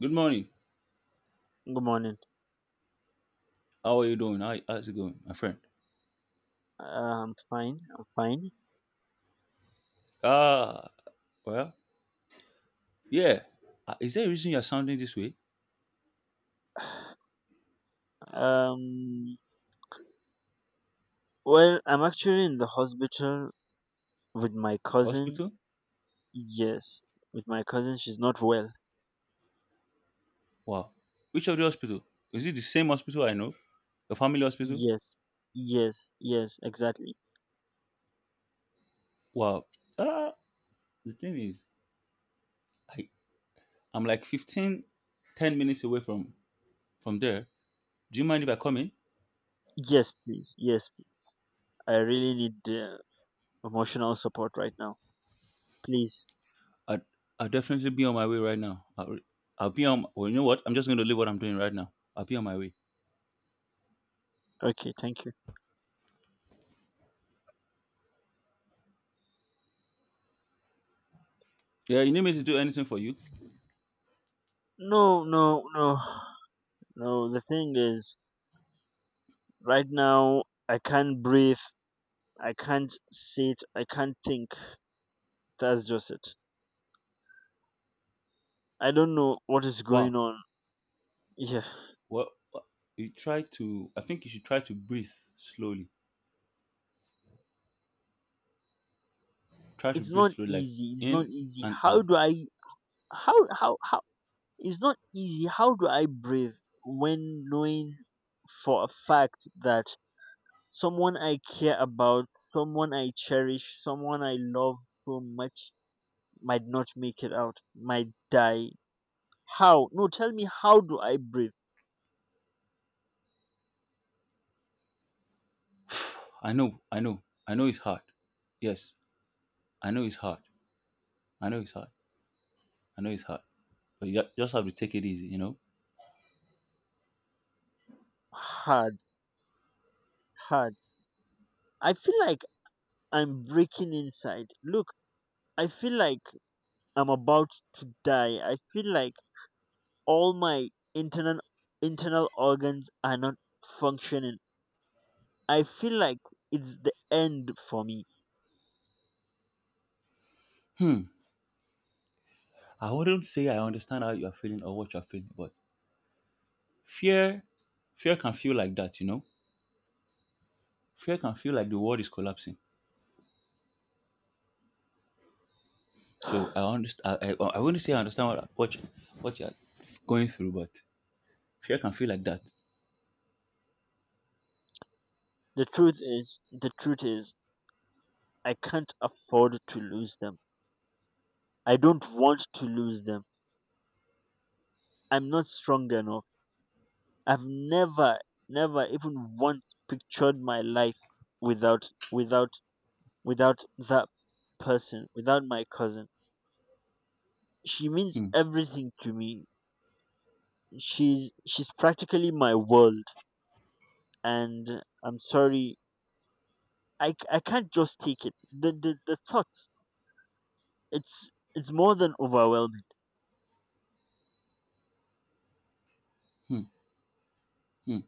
Good morning. Good morning. How are you doing? How, how's it going, my friend? I'm fine. I'm fine. Ah, well, yeah. Ah, is there a reason you're sounding this way? Um, well, I'm actually in the hospital with my cousin. Hospital? Yes, with my cousin. She's not well. Wow. Which of the hospital? Is it the same hospital I know? Your family hospital? Yes, yes, yes, exactly. Wow. Ah, the thing is, I, I'm like 15, 10 minutes away from there. Do you mind if I come in? Yes, please. Yes, please. I really need emotional support right now. Please. I'd, I'll definitely be on my way right now. I'll be on, well, you know what? I'm just going to leave what I'm doing right now. I'll be on my way. Okay, thank you. Yeah, you need me to do anything for you? No, no, no. No, the thing is, right now, I can't breathe. I can't sit. I can't think. That's just it. I don't know what is Wow. going on. Yeah, Well, uh, you try to. I think you should try to breathe slowly. Try to it's breathe not slowly, like easy. It's not in easy. and How do out. I? How, how, how? It's not easy. How do I breathe when knowing for a fact that someone I care about, someone I cherish, someone I love so much might not make it out, might die? How? No, tell me, how do I breathe? I know, I know, I know it's hard. Yes, I know it's hard. I know it's hard. I know it's hard. But you just have to take it easy, you know. Hard, hard. I feel like I'm breaking inside. Look, I feel like I'm about to die. I feel like all my internal organs are not functioning. I feel like it's the end for me. Hmm. I wouldn't say I understand how you are feeling or what you are feeling, but fear, fear can feel like that, you know. Fear can feel like the world is collapsing. So I understand. I wouldn't say I understand what what you are going through, but fear can feel like that. The truth is, I can't afford to lose them. I don't want to lose them. I'm not strong enough. I've never, never even once pictured my life without, without, without that person, without my cousin. She means Hmm. everything to me. She's practically my world, and I'm sorry. I can't just take it, the, the thoughts. It's more than overwhelming. Hmm. Hmm.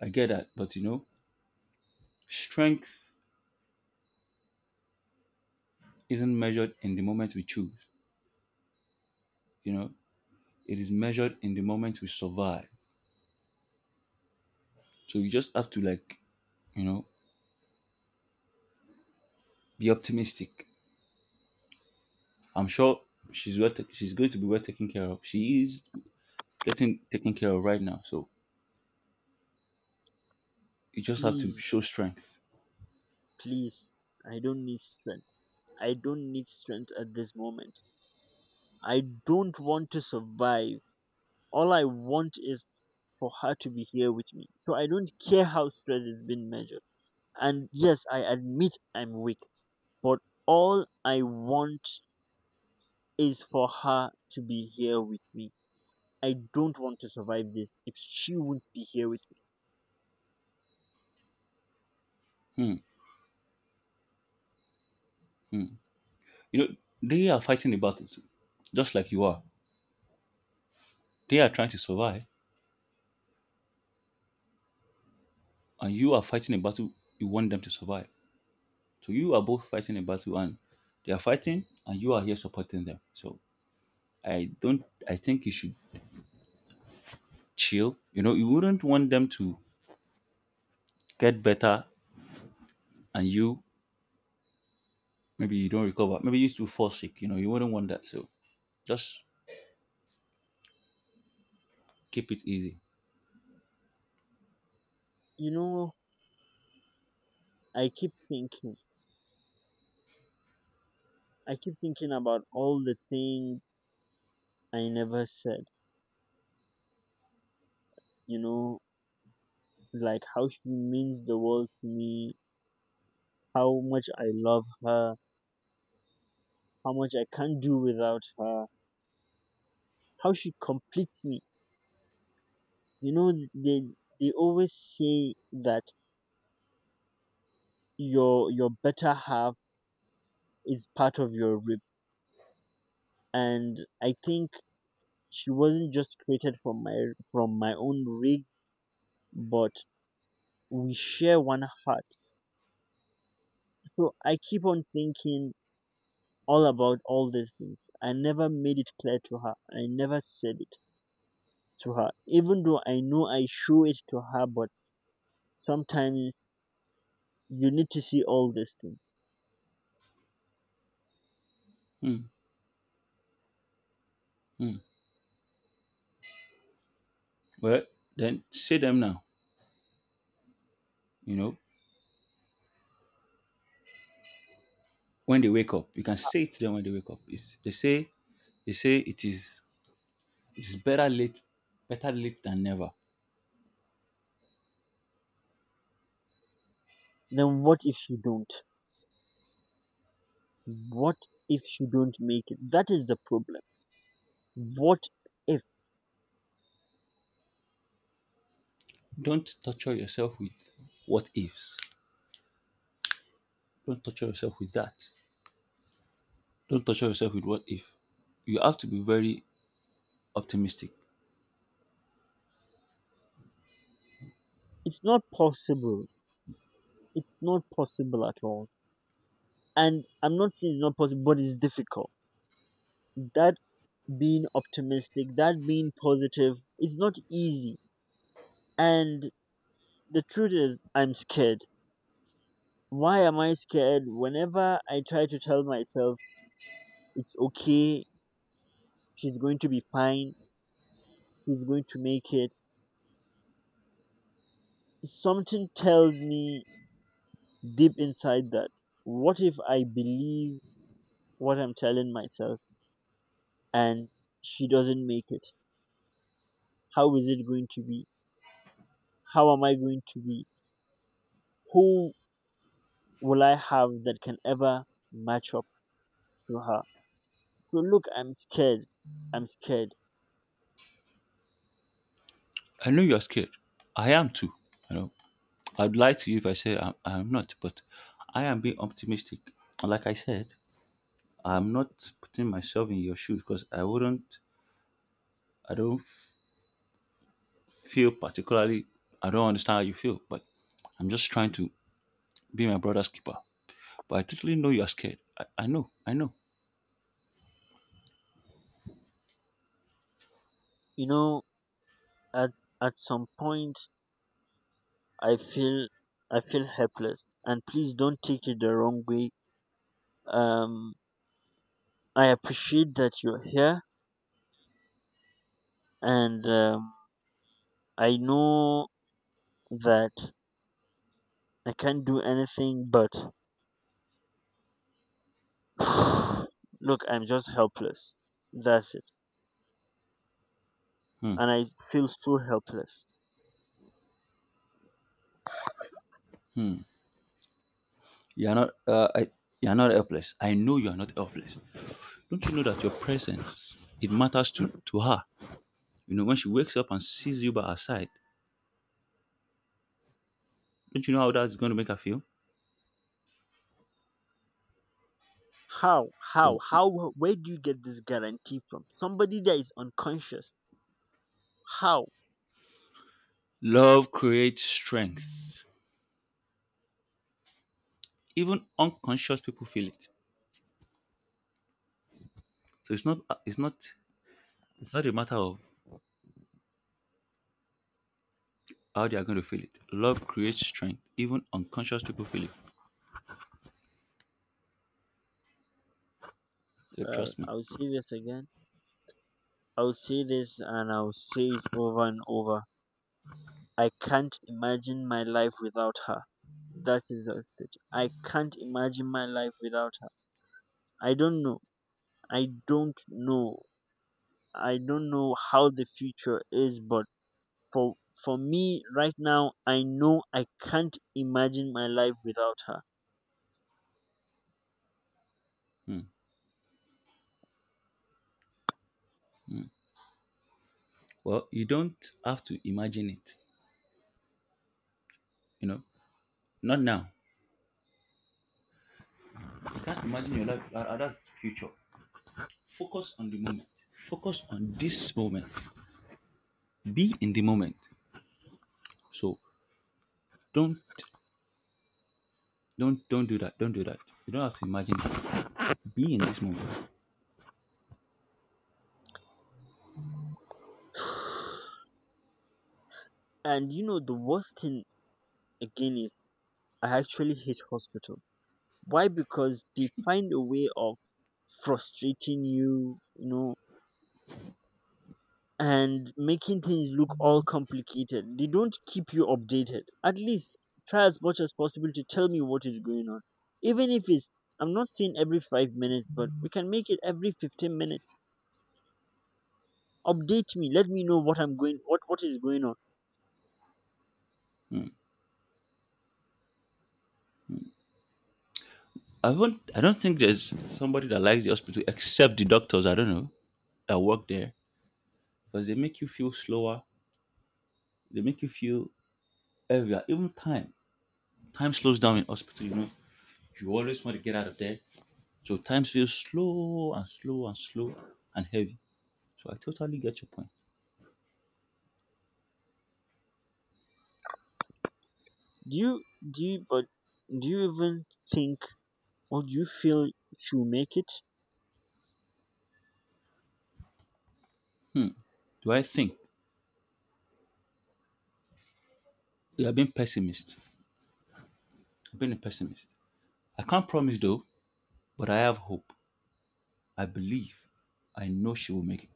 I get that, but you know, strength isn't measured in the moment we choose. You know, it is measured in the moment we survive. So you just have to like, you know, be optimistic. I'm sure she's well. She's going to be well taken care of. She is getting taken care of right now. So you just have to Please, show strength. please, I don't need strength. I don't need strength at this moment. I don't want to survive. All I want is for her to be here with me, so I don't care how stress has been measured. And yes, I admit I'm weak, but all I want is for her to be here with me. I don't want to survive this if she won't be here with me. Hmm, hmm. You know, they are fighting a battle too, just like you are. They are trying to survive, and you are fighting a battle you want them to survive. So you are both fighting a battle, and they are fighting and you are here supporting them. So I don't I think you should chill. You know, you wouldn't want them to get better and you, maybe you don't recover. Maybe you still fall sick. You know, you wouldn't want that. So just keep it easy. You know, I keep thinking, I keep thinking about all the things I never said, you know, like how she means the world to me, how much I love her, how much I can't do without her, how she completes me. You know, they always say that your better half is part of your rib, and I think she wasn't just created from my own rib, but we share one heart. So I keep on thinking all about all these things. I never made it clear to her. I never said it to her, even though I know I show it to her, but sometimes you need to see all these things. Hmm, hmm. Well, then say them now. You know, when they wake up, you can say it to them when they wake up. They say it is, it's better late, better late than never. Then what if you don't? What if you don't make it? That is the problem. What if? Don't torture yourself with what ifs. Don't torture yourself with that. Don't torture yourself with what if. You have to be very optimistic. It's not possible. It's not possible at all. And I'm not saying it's not possible, but it's difficult. That being optimistic, that being positive is not easy. And the truth is, I'm scared. Why am I scared? Whenever I try to tell myself it's okay, she's going to be fine, she's going to make it, something tells me deep inside that, what if I believe what I'm telling myself and she doesn't make it? How is it going to be? How am I going to be? Who will I have that can ever match up to her? So look, I'm scared. I'm scared. I know you're scared. I am too. You know, I'd lie to you if I say I'm not, but I am being optimistic. And like I said, I'm not putting myself in your shoes because I wouldn't. I don't feel particularly. I don't understand how you feel, but I'm just trying to be my brother's keeper. But I totally know you're scared. I know. I know. You know, at at some point, I feel I feel helpless. And please don't take it the wrong way. Um, I appreciate that you're here, and I know that I can't do anything. But look, I'm just helpless. That's it. Hmm. And I feel so helpless. Hmm. You're not. You're not helpless. I know you're not helpless. Don't you know that your presence, it matters to her? You know, when she wakes up and sees you by her side, don't you know how that's going to make her feel? How? How? So, How? Where do you get this guarantee from? Somebody that is unconscious. How? love creates strength. Even unconscious people feel it. So it's not it's not a matter of how they are going to feel it. Love creates strength. Even unconscious people feel it. So Well, trust me. I'll say this again. I'll say this and I'll say it over and over. I can't imagine my life without her. That is just said. I can't imagine my life without her. I don't know. I don't know. I don't know how the future is, but for for me right now, I know I can't imagine my life without her. Hmm. Well, you don't have to imagine it. You know, not now. You can't imagine your life. That's future. Focus on the moment. Focus on this moment. Be in the moment. So don't don't do that. Don't do that. You don't have to imagine it. Be in this moment. And you know the worst thing again is I actually hate hospitals. Why? Because they find a way of frustrating you, you know, and making things look all complicated. They don't keep you updated. At least try as much as possible to tell me what is going on. Even if it's, I'm not saying every 5 minutes, but we can make it every 15 minutes. Update me. Let me know what I'm going, what is going on. Mm. I won't. I don't think there's somebody that likes the hospital except the doctors. I don't know that work there because they make you feel slower. They make you feel heavier. Even time. Time slows down in hospital. You know. You always want to get out of there. So time feels slow and slow and slow and heavy. So I totally get your point. Do you, do you, but do you even think or do you feel you make it? Do I think you have been pessimist? I've been a pessimist. I can't promise though, but I have hope. I believe, I know she will make it.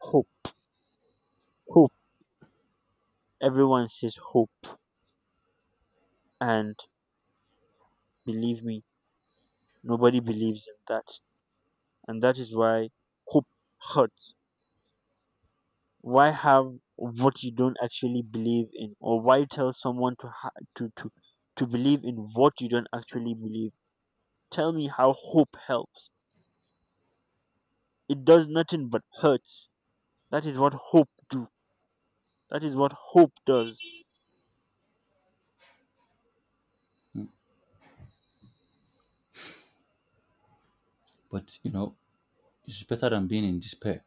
Hope, hope. Everyone says hope. And believe me, nobody believes in that. And that is why hope hurts. Why have what you don't actually believe in? Or why tell someone to, to, to, to believe in what you don't actually believe? Tell me how hope helps. It does nothing but hurts. That is what hope do. That is what hope does. But you know, it's better than being in despair,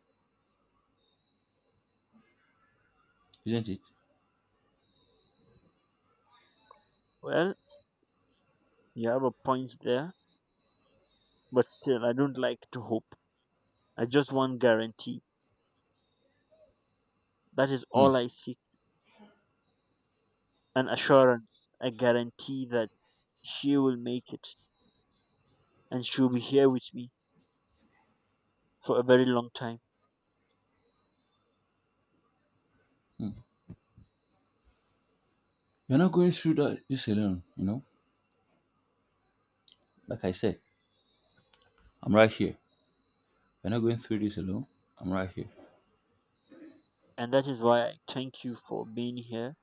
isn't it? Well, you have a point there, but still, I don't like to hope. I just want guarantee. That is Hmm, all I seek. An assurance, a guarantee that she will make it, and she'll be here with me for a very long time. hmm. You're not going through that this alone. You know, like I said, I'm right here. You're not going through this alone. I'm right here. And that is why I thank you for being here.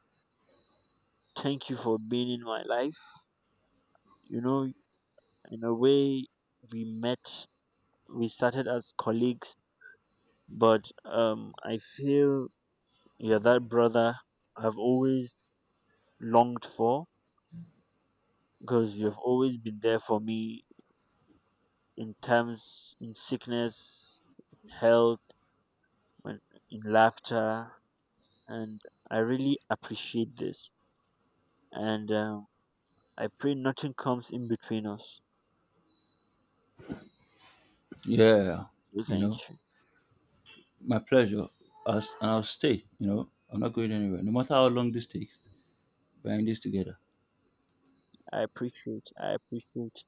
Thank you for being in my life. You know, in a way, we met, we started as colleagues, but I feel you're that brother I've always longed for because you've always been there for me in times, in sickness, in health, when, in laughter. And I really appreciate this. And I pray nothing comes in between us. Yeah. So You thank know, you. my pleasure. And I'll stay. You know, I'm not going anywhere. No matter how long this takes, we're in this together. I appreciate. I appreciate.